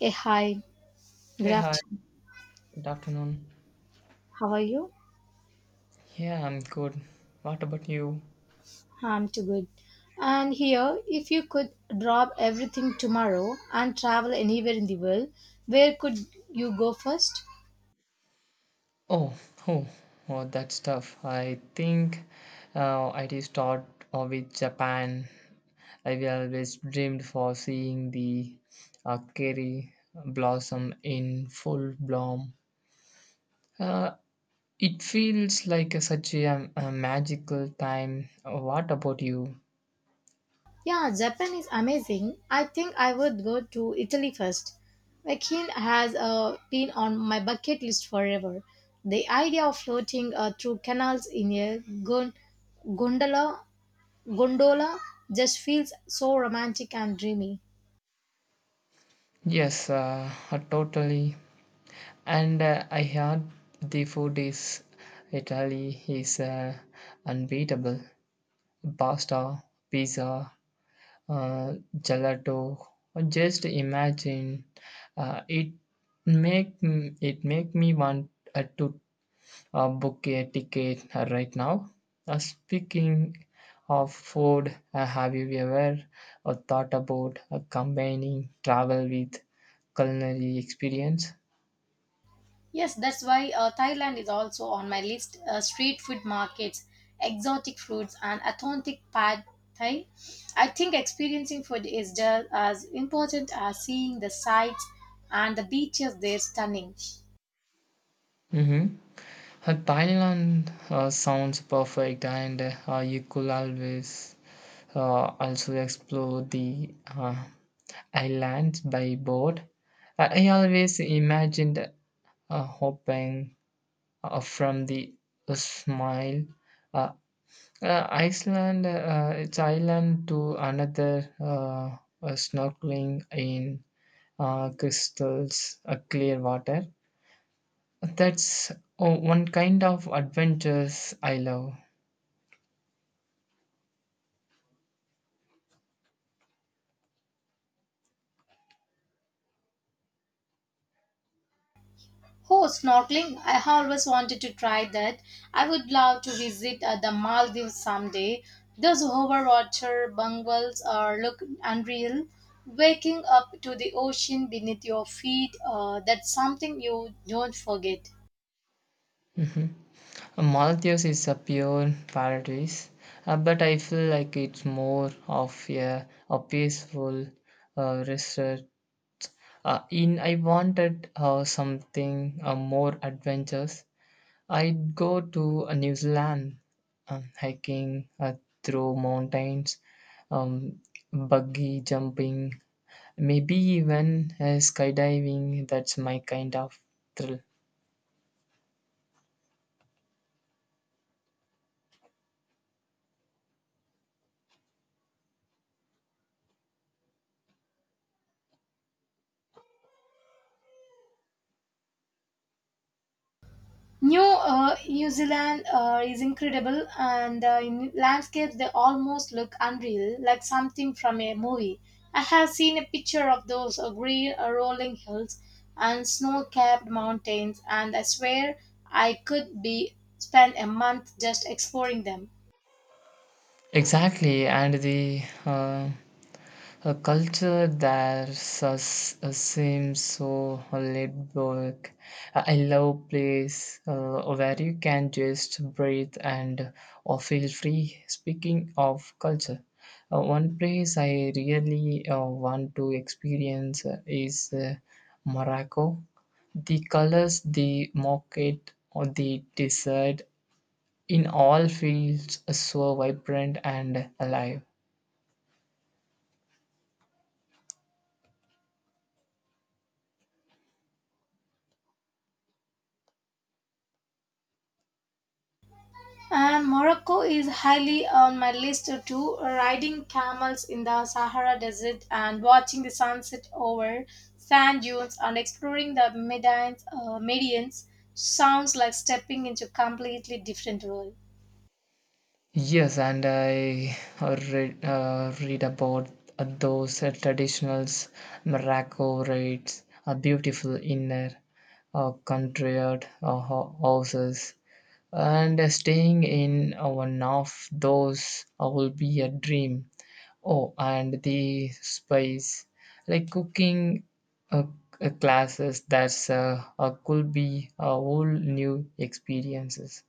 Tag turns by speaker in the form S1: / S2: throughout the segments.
S1: Hey, hi, good
S2: Hey, hi.
S1: afternoon.
S2: Good afternoon.
S1: How are you?
S2: Yeah, I'm good. What about you?
S1: I'm too good. And here, if you could drop everything tomorrow and travel anywhere in the world, where could you go first?
S2: Oh, oh, oh, that's tough. I think I did start with Japan. I've always dreamed for seeing the cherry blossom in full bloom. Uh, it feels like such a a magical time. What about you?
S1: Yeah, Japan is amazing. I think I would go to Italy first. Vakin has been on my bucket list forever. The idea of floating through canals in a gondola, gondola just feels so romantic and dreamy.
S2: Yes, Totally. And I heard the food is Italy is unbeatable. Pasta, pizza, gelato. Just imagine uh, it it make me want to book a ticket right now. Speaking of food, have you ever thought about combining travel with culinary experience?
S1: Yes, that's why Thailand is also on my list. Street food markets, exotic foods, and authentic pad thai. I think experiencing food is just as important as seeing the sights and the beaches. They're stunning.
S2: Mm-hmm. Thailand sounds perfect, and you could always also explore the islands by boat. I always imagined hoping from the smile. Uh, Iceland, its island to another snorkeling in crystals, clear water. That's oh, One kind of adventures I love.
S1: Oh, snorkeling. I always wanted to try that. I would love to visit the Maldives someday. Those overwater bungalows are look unreal. Waking up to the ocean beneath your feet, that's something you don't forget.
S2: Mhm. Maldives is a pure paradise, but I feel like it's more of a peaceful resort. In I wanted something more adventurous. I'd go to New Zealand, hiking through mountains, um, buggy jumping, maybe even skydiving. That's my kind of thrill.
S1: New Zealand is incredible, and in landscapes they almost look unreal, like something from a movie. I have seen a picture of those green rolling hills and snow-capped mountains, and I swear I could be spend a month just exploring them.
S2: Exactly, and the a culture that seems so laid back. I love place where you can just breathe and or feel free. Speaking of culture, one place I really want to experience is Morocco. The colors, the market, or the desert in all feels so vibrant and alive.
S1: And Morocco is highly on my list too. Riding camels in the Sahara Desert and watching the sunset over sand dunes and exploring the Medines, Medians sounds like stepping into a completely different world.
S2: Yes, and I read about those traditionals, Morocco rites, a beautiful inner country out, houses, and staying in one of those will be a dream. Oh, and the spice, like cooking uh, classes, that's could be a whole new experiences.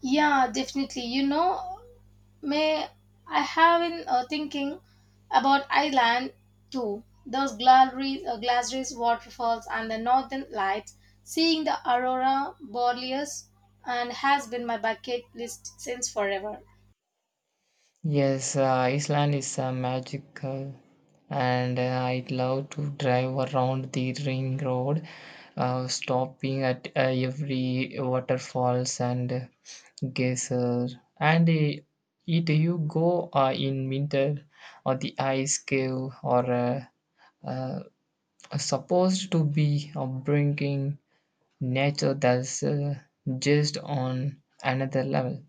S1: Yeah, definitely. You know, may I have been thinking about Ireland too. Those galleries, Glasgow's waterfalls, and the northern lights. Seeing the aurora borealis and has been my bucket list since forever.
S2: Yes, Iceland is magical, and I'd love to drive around the ring road, stopping at every waterfalls and geyser. And either you go in winter, or the ice cave, or uh, supposed to be bringing nature that's just on another level.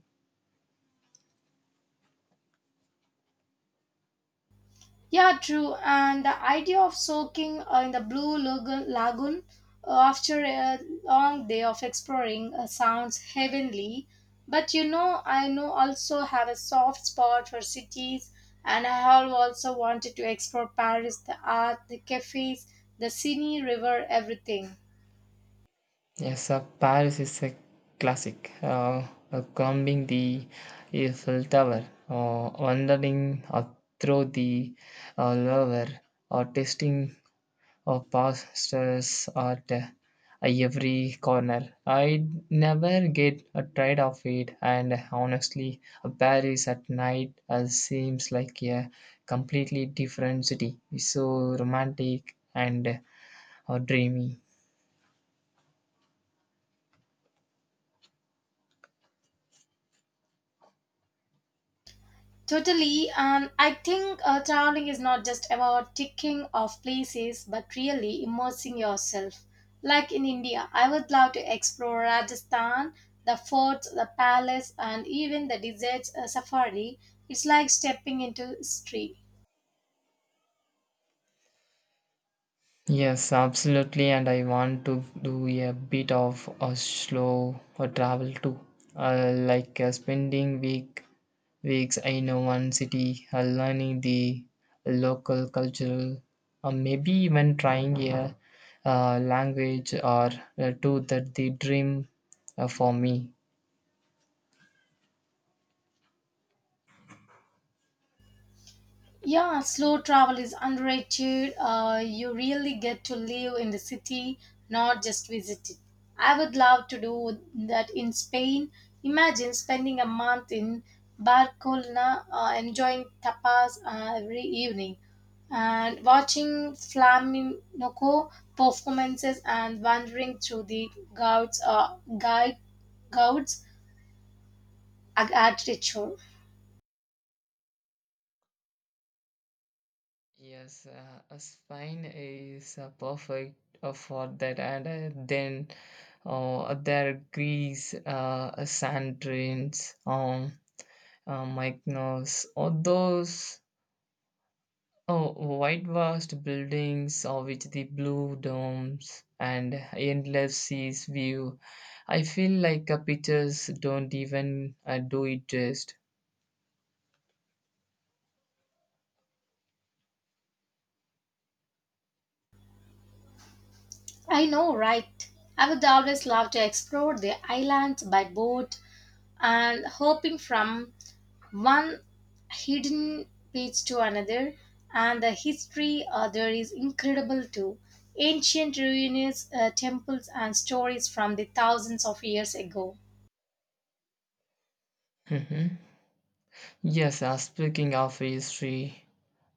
S1: Yeah, true. And the idea of soaking in the lagoon after a long day of exploring sounds heavenly. But you know, I know also have a soft spot for cities, and I have also wanted to explore Paris, the art, the cafes, the Seine River, everything.
S2: Yes, Paris is a classic. Climbing the Eiffel Tower, or wandering through the Louvre, or tasting pastels at every corner. I never get tired of it, and honestly, Paris at night seems like a completely different city. It's so romantic and dreamy.
S1: Totally, and I think traveling is not just about ticking off places but really immersing yourself. Like in India, I would love to explore Rajasthan, the forts, the palace, and even the desert safari. It's like stepping into history.
S2: Yes, absolutely. And I want to do a bit of a slow travel too, spending weeks in one city, learning the local cultural, or maybe even trying a language or two. That the dream for me.
S1: Yeah, slow travel is underrated. You really get to live in the city, not just visit it. I would love to do that in Spain. Imagine spending a month in Barcelona, enjoying tapas every evening, and watching flamenco performances and wandering through the gouts architecture.
S2: Yes, a spine is perfect for that, and then there are grease, sand drains, Mykonos, or those oh, white vast buildings of which the blue domes and endless seas view. I feel like pictures don't even do it just.
S1: I know, right? I would always love to explore the islands by boat and hopping from one hidden beach to another. And the history there is incredible too. Ancient ruins, temples, and stories from the thousands of years ago.
S2: Mhm. Yes, speaking of history,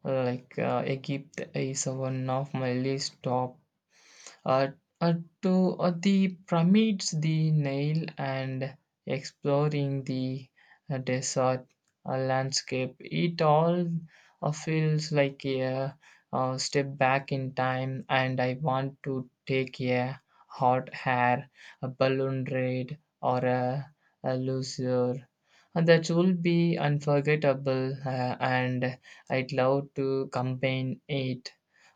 S2: like Egypt is one of my least top uh, uh, to the pyramids, the Nile, and exploring the desert landscape. It all feels like a step back in time, and I want to take a hot air, a balloon ride, or a leisure. And that will be unforgettable, and I'd love to combine it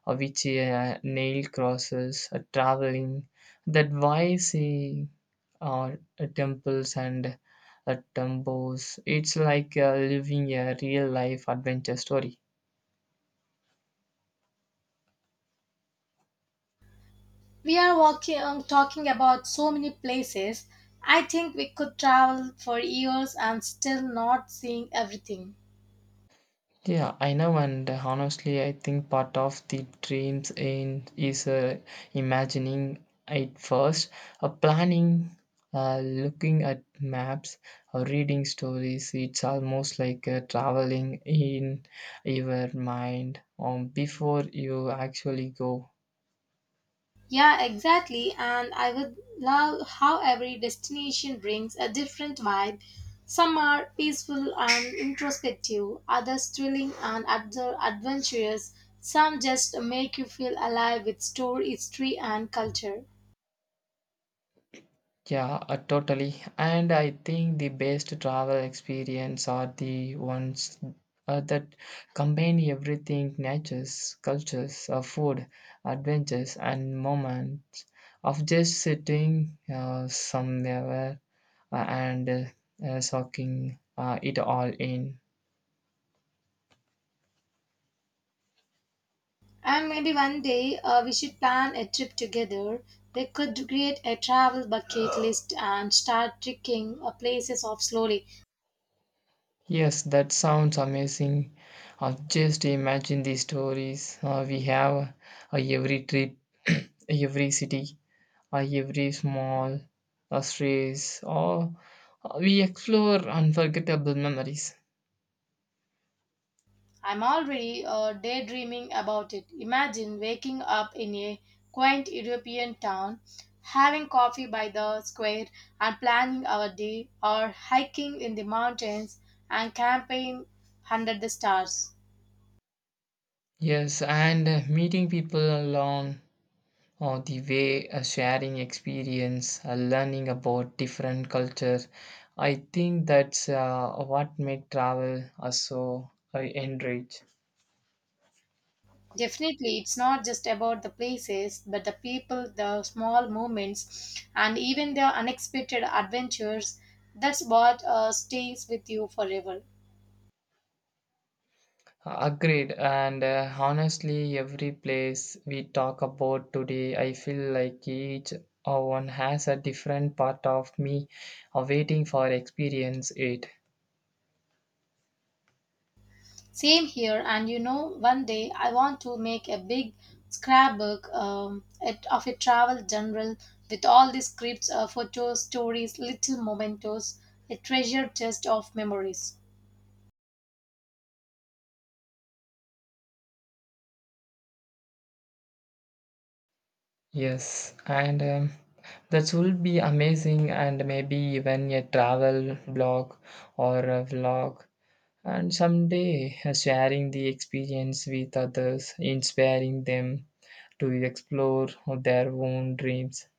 S2: which a nail crosses, a traveling, that why see uh, temples and temples. It's like living a real life adventure story.
S1: We are walking, talking about so many places. I think we could travel for years and still not seeing everything.
S2: Yeah, I know, and honestly, I think part of the dreams in is imagining it first, planning, looking at maps, or reading stories. It's almost like traveling in your mind before you actually go.
S1: Yeah, exactly. And I would love how every destination brings a different vibe. Some are peaceful and introspective, others thrilling and adventurous. Some just make you feel alive with story, history, and culture.
S2: Yeah, Totally. And I think the best travel experience are the ones that combine everything natures, cultures, food, adventures, and moments of just sitting somewhere and soaking it all in.
S1: And maybe one day we should plan a trip together. We could create a travel bucket list and start ticking places off slowly.
S2: Yes, that sounds amazing. Just imagine the stories we have every trip, every city by every small strays, or we explore unforgettable memories.
S1: I'm already daydreaming about it. Imagine waking up in a quaint European town, having coffee by the square, and planning our day, or hiking in the mountains and camping under the stars.
S2: Yes, and meeting people along the way, sharing experience, learning about different culture. I think that's what make travel so enrich.
S1: Definitely, it's not just about the places, but the people, the small moments, and even the unexpected adventures. That's what stays with you forever.
S2: Agreed, and honestly, every place we talk about today, I feel like each one has a different part of me awaiting for experience it.
S1: Same here, and you know, one day I want to make a big scrapbook of a travel journal with all the scripts, photos, stories, little mementos, a treasure chest of memories.
S2: Yes, and that will be amazing, and maybe even a travel blog or a vlog, and someday sharing the experience with others, inspiring them to explore their own dreams.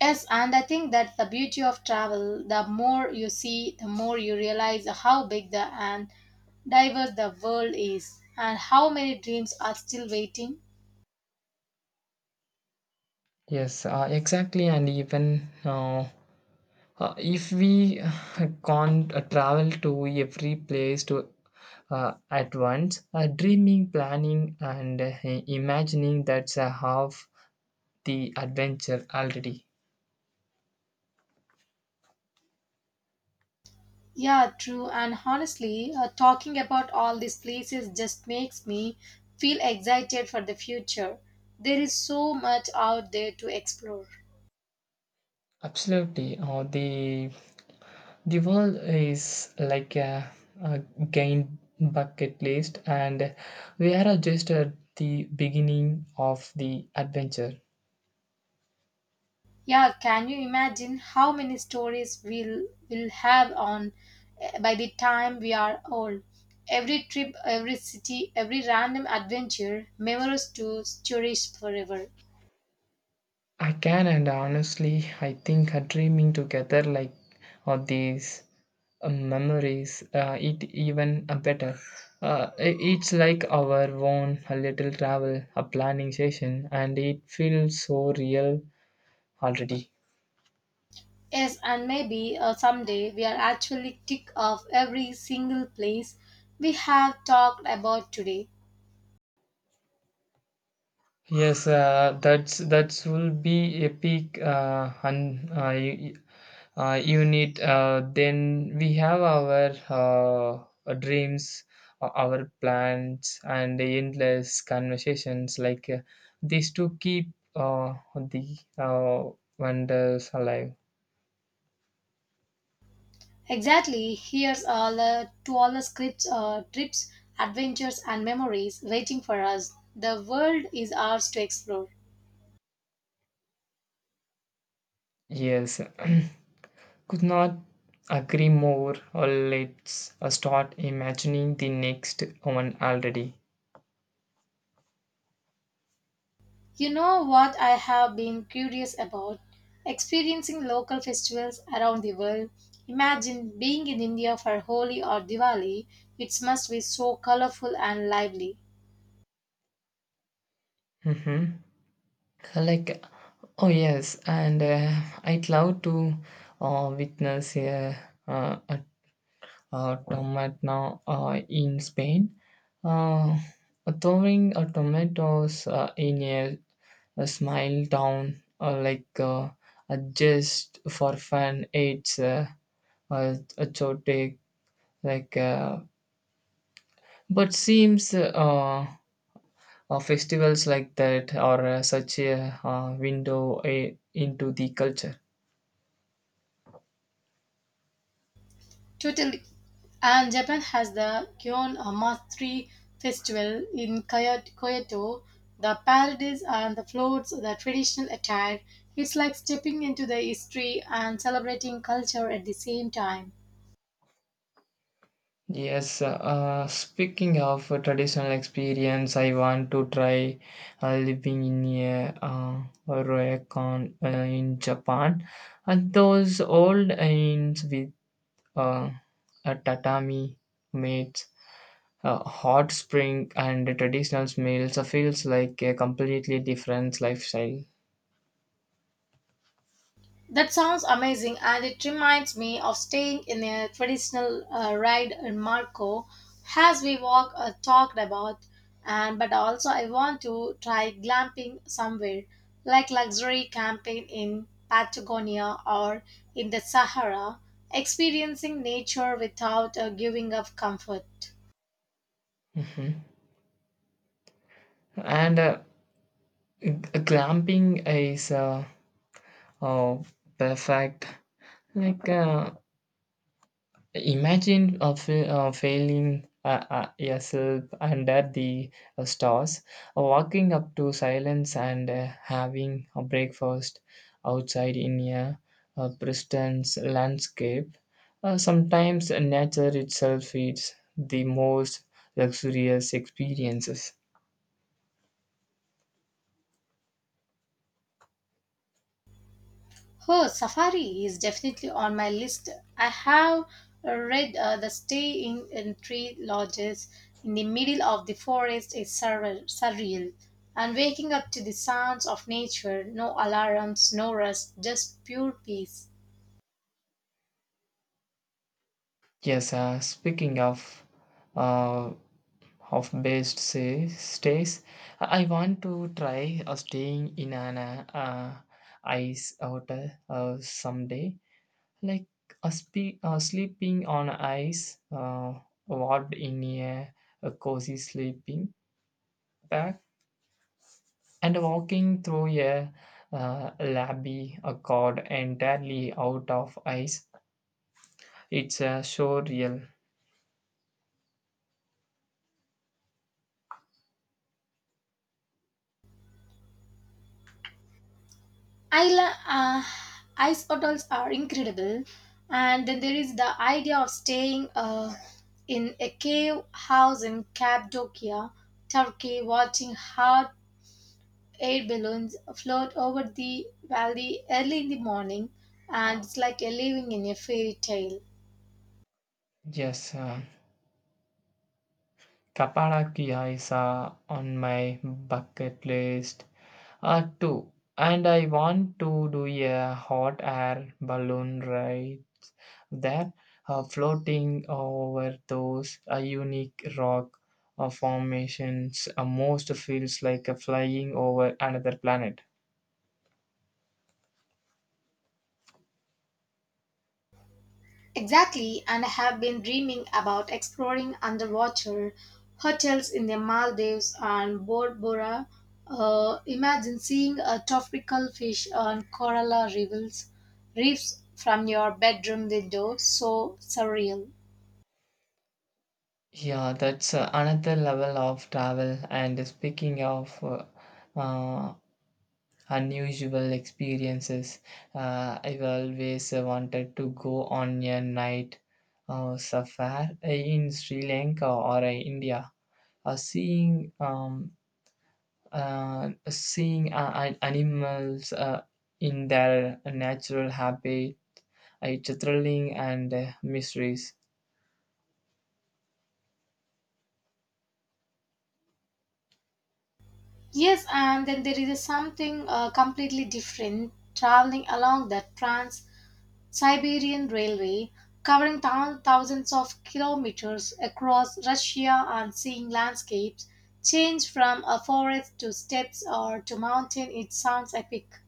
S1: Yes, and I think that's the beauty of travel. The more you see, the more you realize how big the and diverse the world is, and how many dreams are still waiting.
S2: Yes, exactly. And even if we can't travel to every place to at once, dreaming, planning, and imagining that's half the adventure already.
S1: Yeah, true. And honestly, talking about all these places just makes me feel excited for the future. There is so much out there to explore.
S2: Absolutely. The world is like a gain bucket list, and we are just at the beginning of the adventure.
S1: Yeah, can you imagine how many stories we'll will have on by the time we are old? Every trip, every city, every random adventure, memories to cherish forever.
S2: I can, and honestly, I think dreaming together like all these memories, it even better. It's like our own a little travel, a planning session, and it feels so real already.
S1: Yes, and maybe someday we are actually tick off every single place we have talked about today.
S2: Yes, that will be epic, and unit. Need then we have our dreams our plans and the endless conversations like these to keep the wonders alive.
S1: Exactly, here's all the to all the scripts, trips, adventures, and memories waiting for us. The world is ours to explore.
S2: Yes. Could not agree more, or let's start imagining the next one already.
S1: You know what I have been curious about? Experiencing local festivals around the world. Imagine being in India for Holi or Diwali. It must be so colorful and lively.
S2: Mm-hmm. Like oh yes, and I'd love to witness a tomato in Spain. Uh, Throwing tomatoes in a smile town just for fun, it's a chote like. But seems festivals like that are such a window into the culture.
S1: Totally. And Japan has the Kyon Matsuri Festival in Kyoto, the parades and the floats, the traditional attire. It's like stepping into the history and celebrating culture at the same time.
S2: Yes, speaking of a traditional experience, I want to try living in a ryokan in Japan, and those old inns with uh, a tatami mats, a hot spring, and the traditional smells feels like a completely different lifestyle.
S1: That sounds amazing, and it reminds me of staying in a traditional ride in Marco, as we walk talked about. And but also, I want to try glamping somewhere, like luxury camping in Patagonia or in the Sahara, experiencing nature without giving up comfort.
S2: Mhm. And g- glamping is uh, perfect. Like imagine failing yourself under the stars, walking up to silence and having a breakfast outside in Princeton's landscape. Sometimes nature itself is the most luxurious experiences.
S1: Oh, Safari is definitely on my list. I have read The Stay in Tree Lodges in the Middle of the Forest is surreal. And waking up to the sounds of nature, no alarms, no rush, just pure peace.
S2: Yes, speaking of uh, half-based say, stays. I want to try staying in an ice hotel someday, like sleeping on ice, wrapped in a cozy sleeping bag, and walking through a labby a cod entirely out of ice. It's so real.
S1: Isla, ice bottles are incredible. And then there is the idea of staying in a cave house in Cappadocia, Turkey, watching hot Air balloons float over the valley early in the morning, and it's like you're living in a fairy tale.
S2: Yes, Kapadokya is on my bucket list too, and I want to do a hot air balloon ride there, floating over those unique rock formations. Most feels like flying over another planet.
S1: Exactly, and I have been dreaming about exploring underwater hotels in the Maldives and Bora Bora. Imagine seeing a tropical fish on coral reefs from your bedroom window. So surreal.
S2: Yeah, that's another level of travel. And speaking of uh, unusual experiences. I've always wanted to go on a night safari in Sri Lanka or India. Uh, seeing um, seeing animals in their natural habitat, it's thrilling and mysteries.
S1: Yes, and then there is something completely different traveling along the Trans Siberian Railway, covering thousands of kilometers across Russia and seeing landscapes change from a forest to steppes or to mountain. It sounds epic.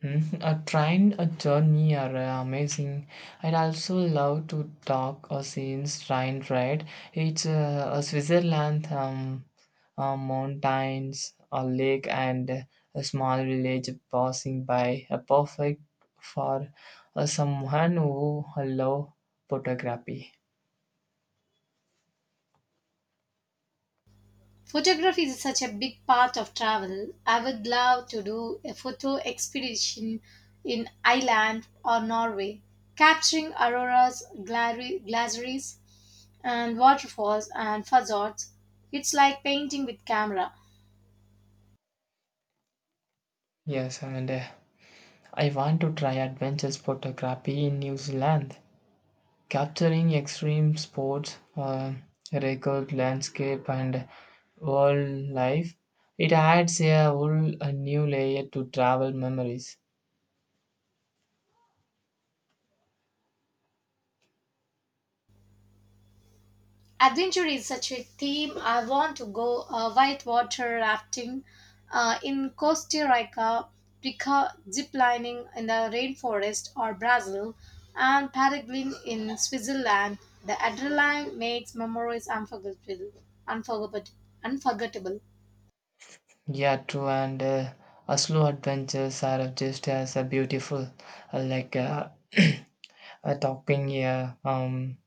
S2: Hmm. A train, a journey are amazing. I'd also love to talk a scene's train ride. It's a Switzerland, mountains, a lake, and a small village passing by. A perfect for someone who love photography.
S1: Photography is such a big part of travel. I would love to do a photo expedition in Iceland or Norway, capturing auroras, glaciers, and waterfalls and fjords. It's like painting with camera.
S2: Yes, and I want to try adventures photography in New Zealand. Capturing extreme sports, record landscape, and wildlife, it adds a whole a new layer to travel memories.
S1: Adventure is such a theme. I want to go whitewater rafting in Costa Rica, zip lining in the rainforest or Brazil, and paragliding in Switzerland. The adrenaline makes memories Unforgettable. unforgettable.
S2: Yeah, true, and a slow adventures are just as beautiful, uh, like uh, topping a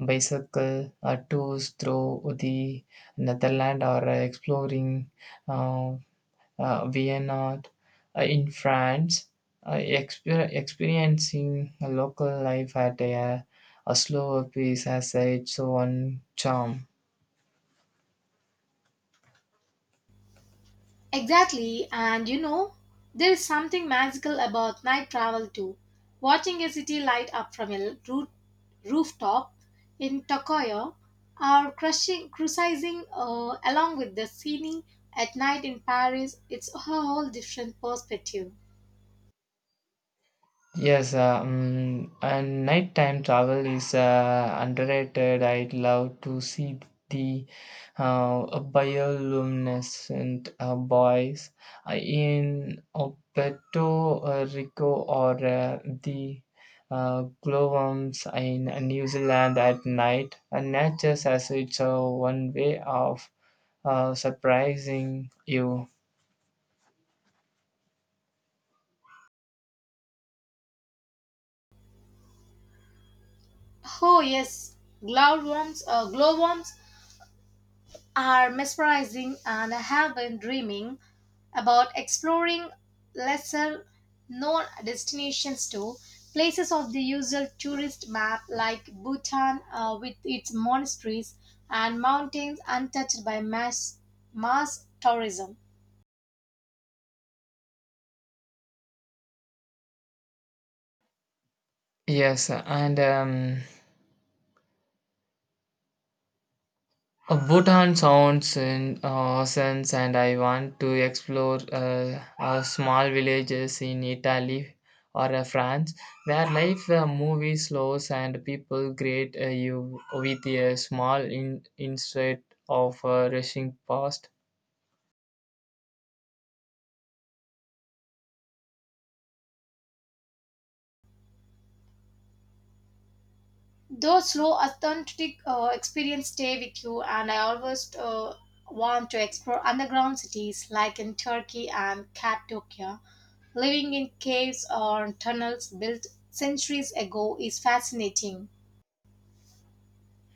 S2: bicycle tours through the Netherlands or exploring uh, Vienna in France, experiencing local life at a slower pace has its own charm.
S1: Exactly, and you know, there is something magical about night travel too. Watching a city light up from a rooftop in Tokoyo or cruising along with the scenery at night in Paris, it's a whole different perspective.
S2: Yes, and nighttime travel is underrated. I'd love to see the bioluminescent boys in Puerto Rico or the glowworms in New Zealand at night. And nature has its one way of surprising you.
S1: Oh yes, glowworms are mesmerizing and I have been dreaming about exploring lesser known destinations too. Places of the usual tourist map like Bhutan with its monasteries and mountains untouched by mass tourism.
S2: Yes, and Bhutan sounds in sense, and I want to explore small villages in Italy or France where life moves slow and people greet you with a small instead of rushing past.
S1: Those slow authentic experience stay with you, and I always want to explore underground cities like in Turkey and Cappadocia. Living in caves or tunnels built centuries ago is fascinating.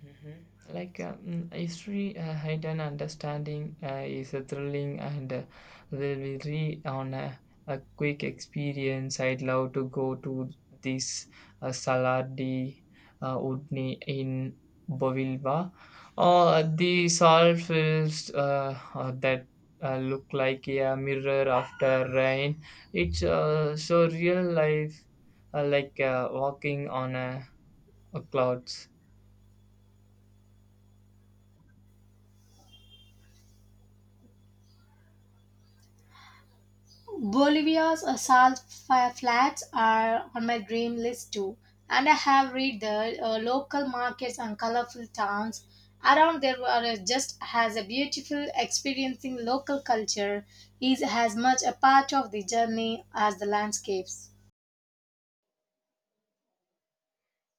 S2: Mhm. Like history, height and understanding is a thrilling and will be re on a quick experience. I'd love to go to this Saladi Udni in Bovilva. Or the salt that look like a mirror after rain. It's so real life, walking on a clouds.
S1: Bolivia's salt flats are on my dream list too, and I have read the local markets and colorful towns around there are just as a beautiful experiencing local culture is as much a part of the journey as the landscapes.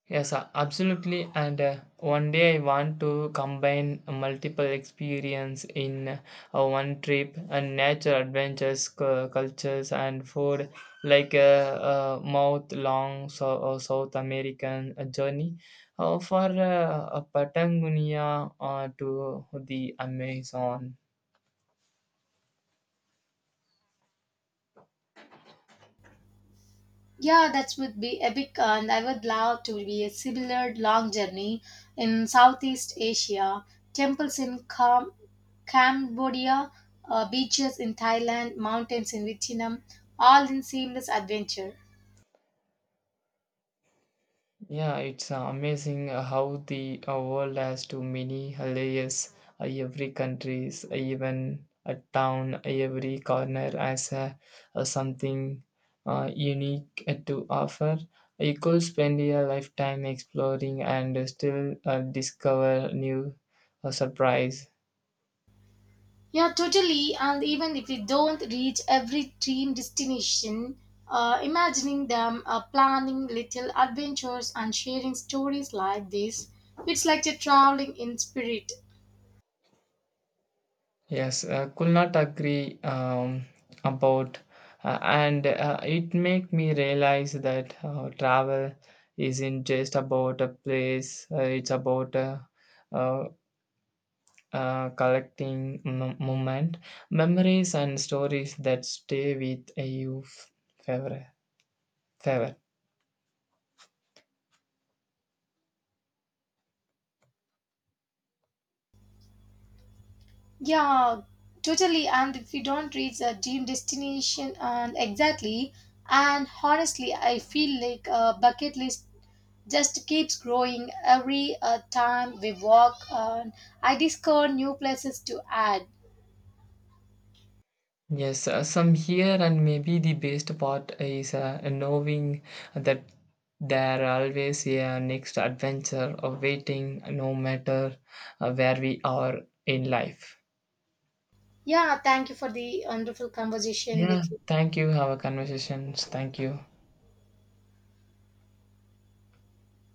S2: Yes, absolutely. And one day I want to combine multiple experience in one trip and nature adventures, cultures, and food, like mouth long South American journey, for Patagonia to the Amazon.
S1: Yeah, that would be epic, and I would love to be a similar long journey in Southeast Asia. Temples in Cambodia, beaches in Thailand, mountains in Vietnam, all in seamless adventure.
S2: Yeah, it's amazing how the world has too many layers. Every countries, even a town, every corner has something unique to offer. You could spend your lifetime exploring and still discover new surprise.
S1: Yeah, totally. And even if we don't reach every dream destination, imagining them, planning little adventures, and sharing stories like this, it's like you're traveling in spirit.
S2: Yes, could not agree about, and it make me realize that travel isn't just about a place. It's about uh, collecting moment, memories, and stories that stay with you forever. forever.
S1: Yeah, totally. And if we don't reach a dream destination, and exactly, and honestly, I feel like a bucket list just keeps growing every time we walk, and I discover new places to add.
S2: Yes, some here, and maybe the best part is knowing that there are always a next adventure of waiting, no matter where we are in life.
S1: Yeah, thank you for the wonderful conversation
S2: Yeah,
S1: with you.
S2: thank you. Have a conversations. Thank you.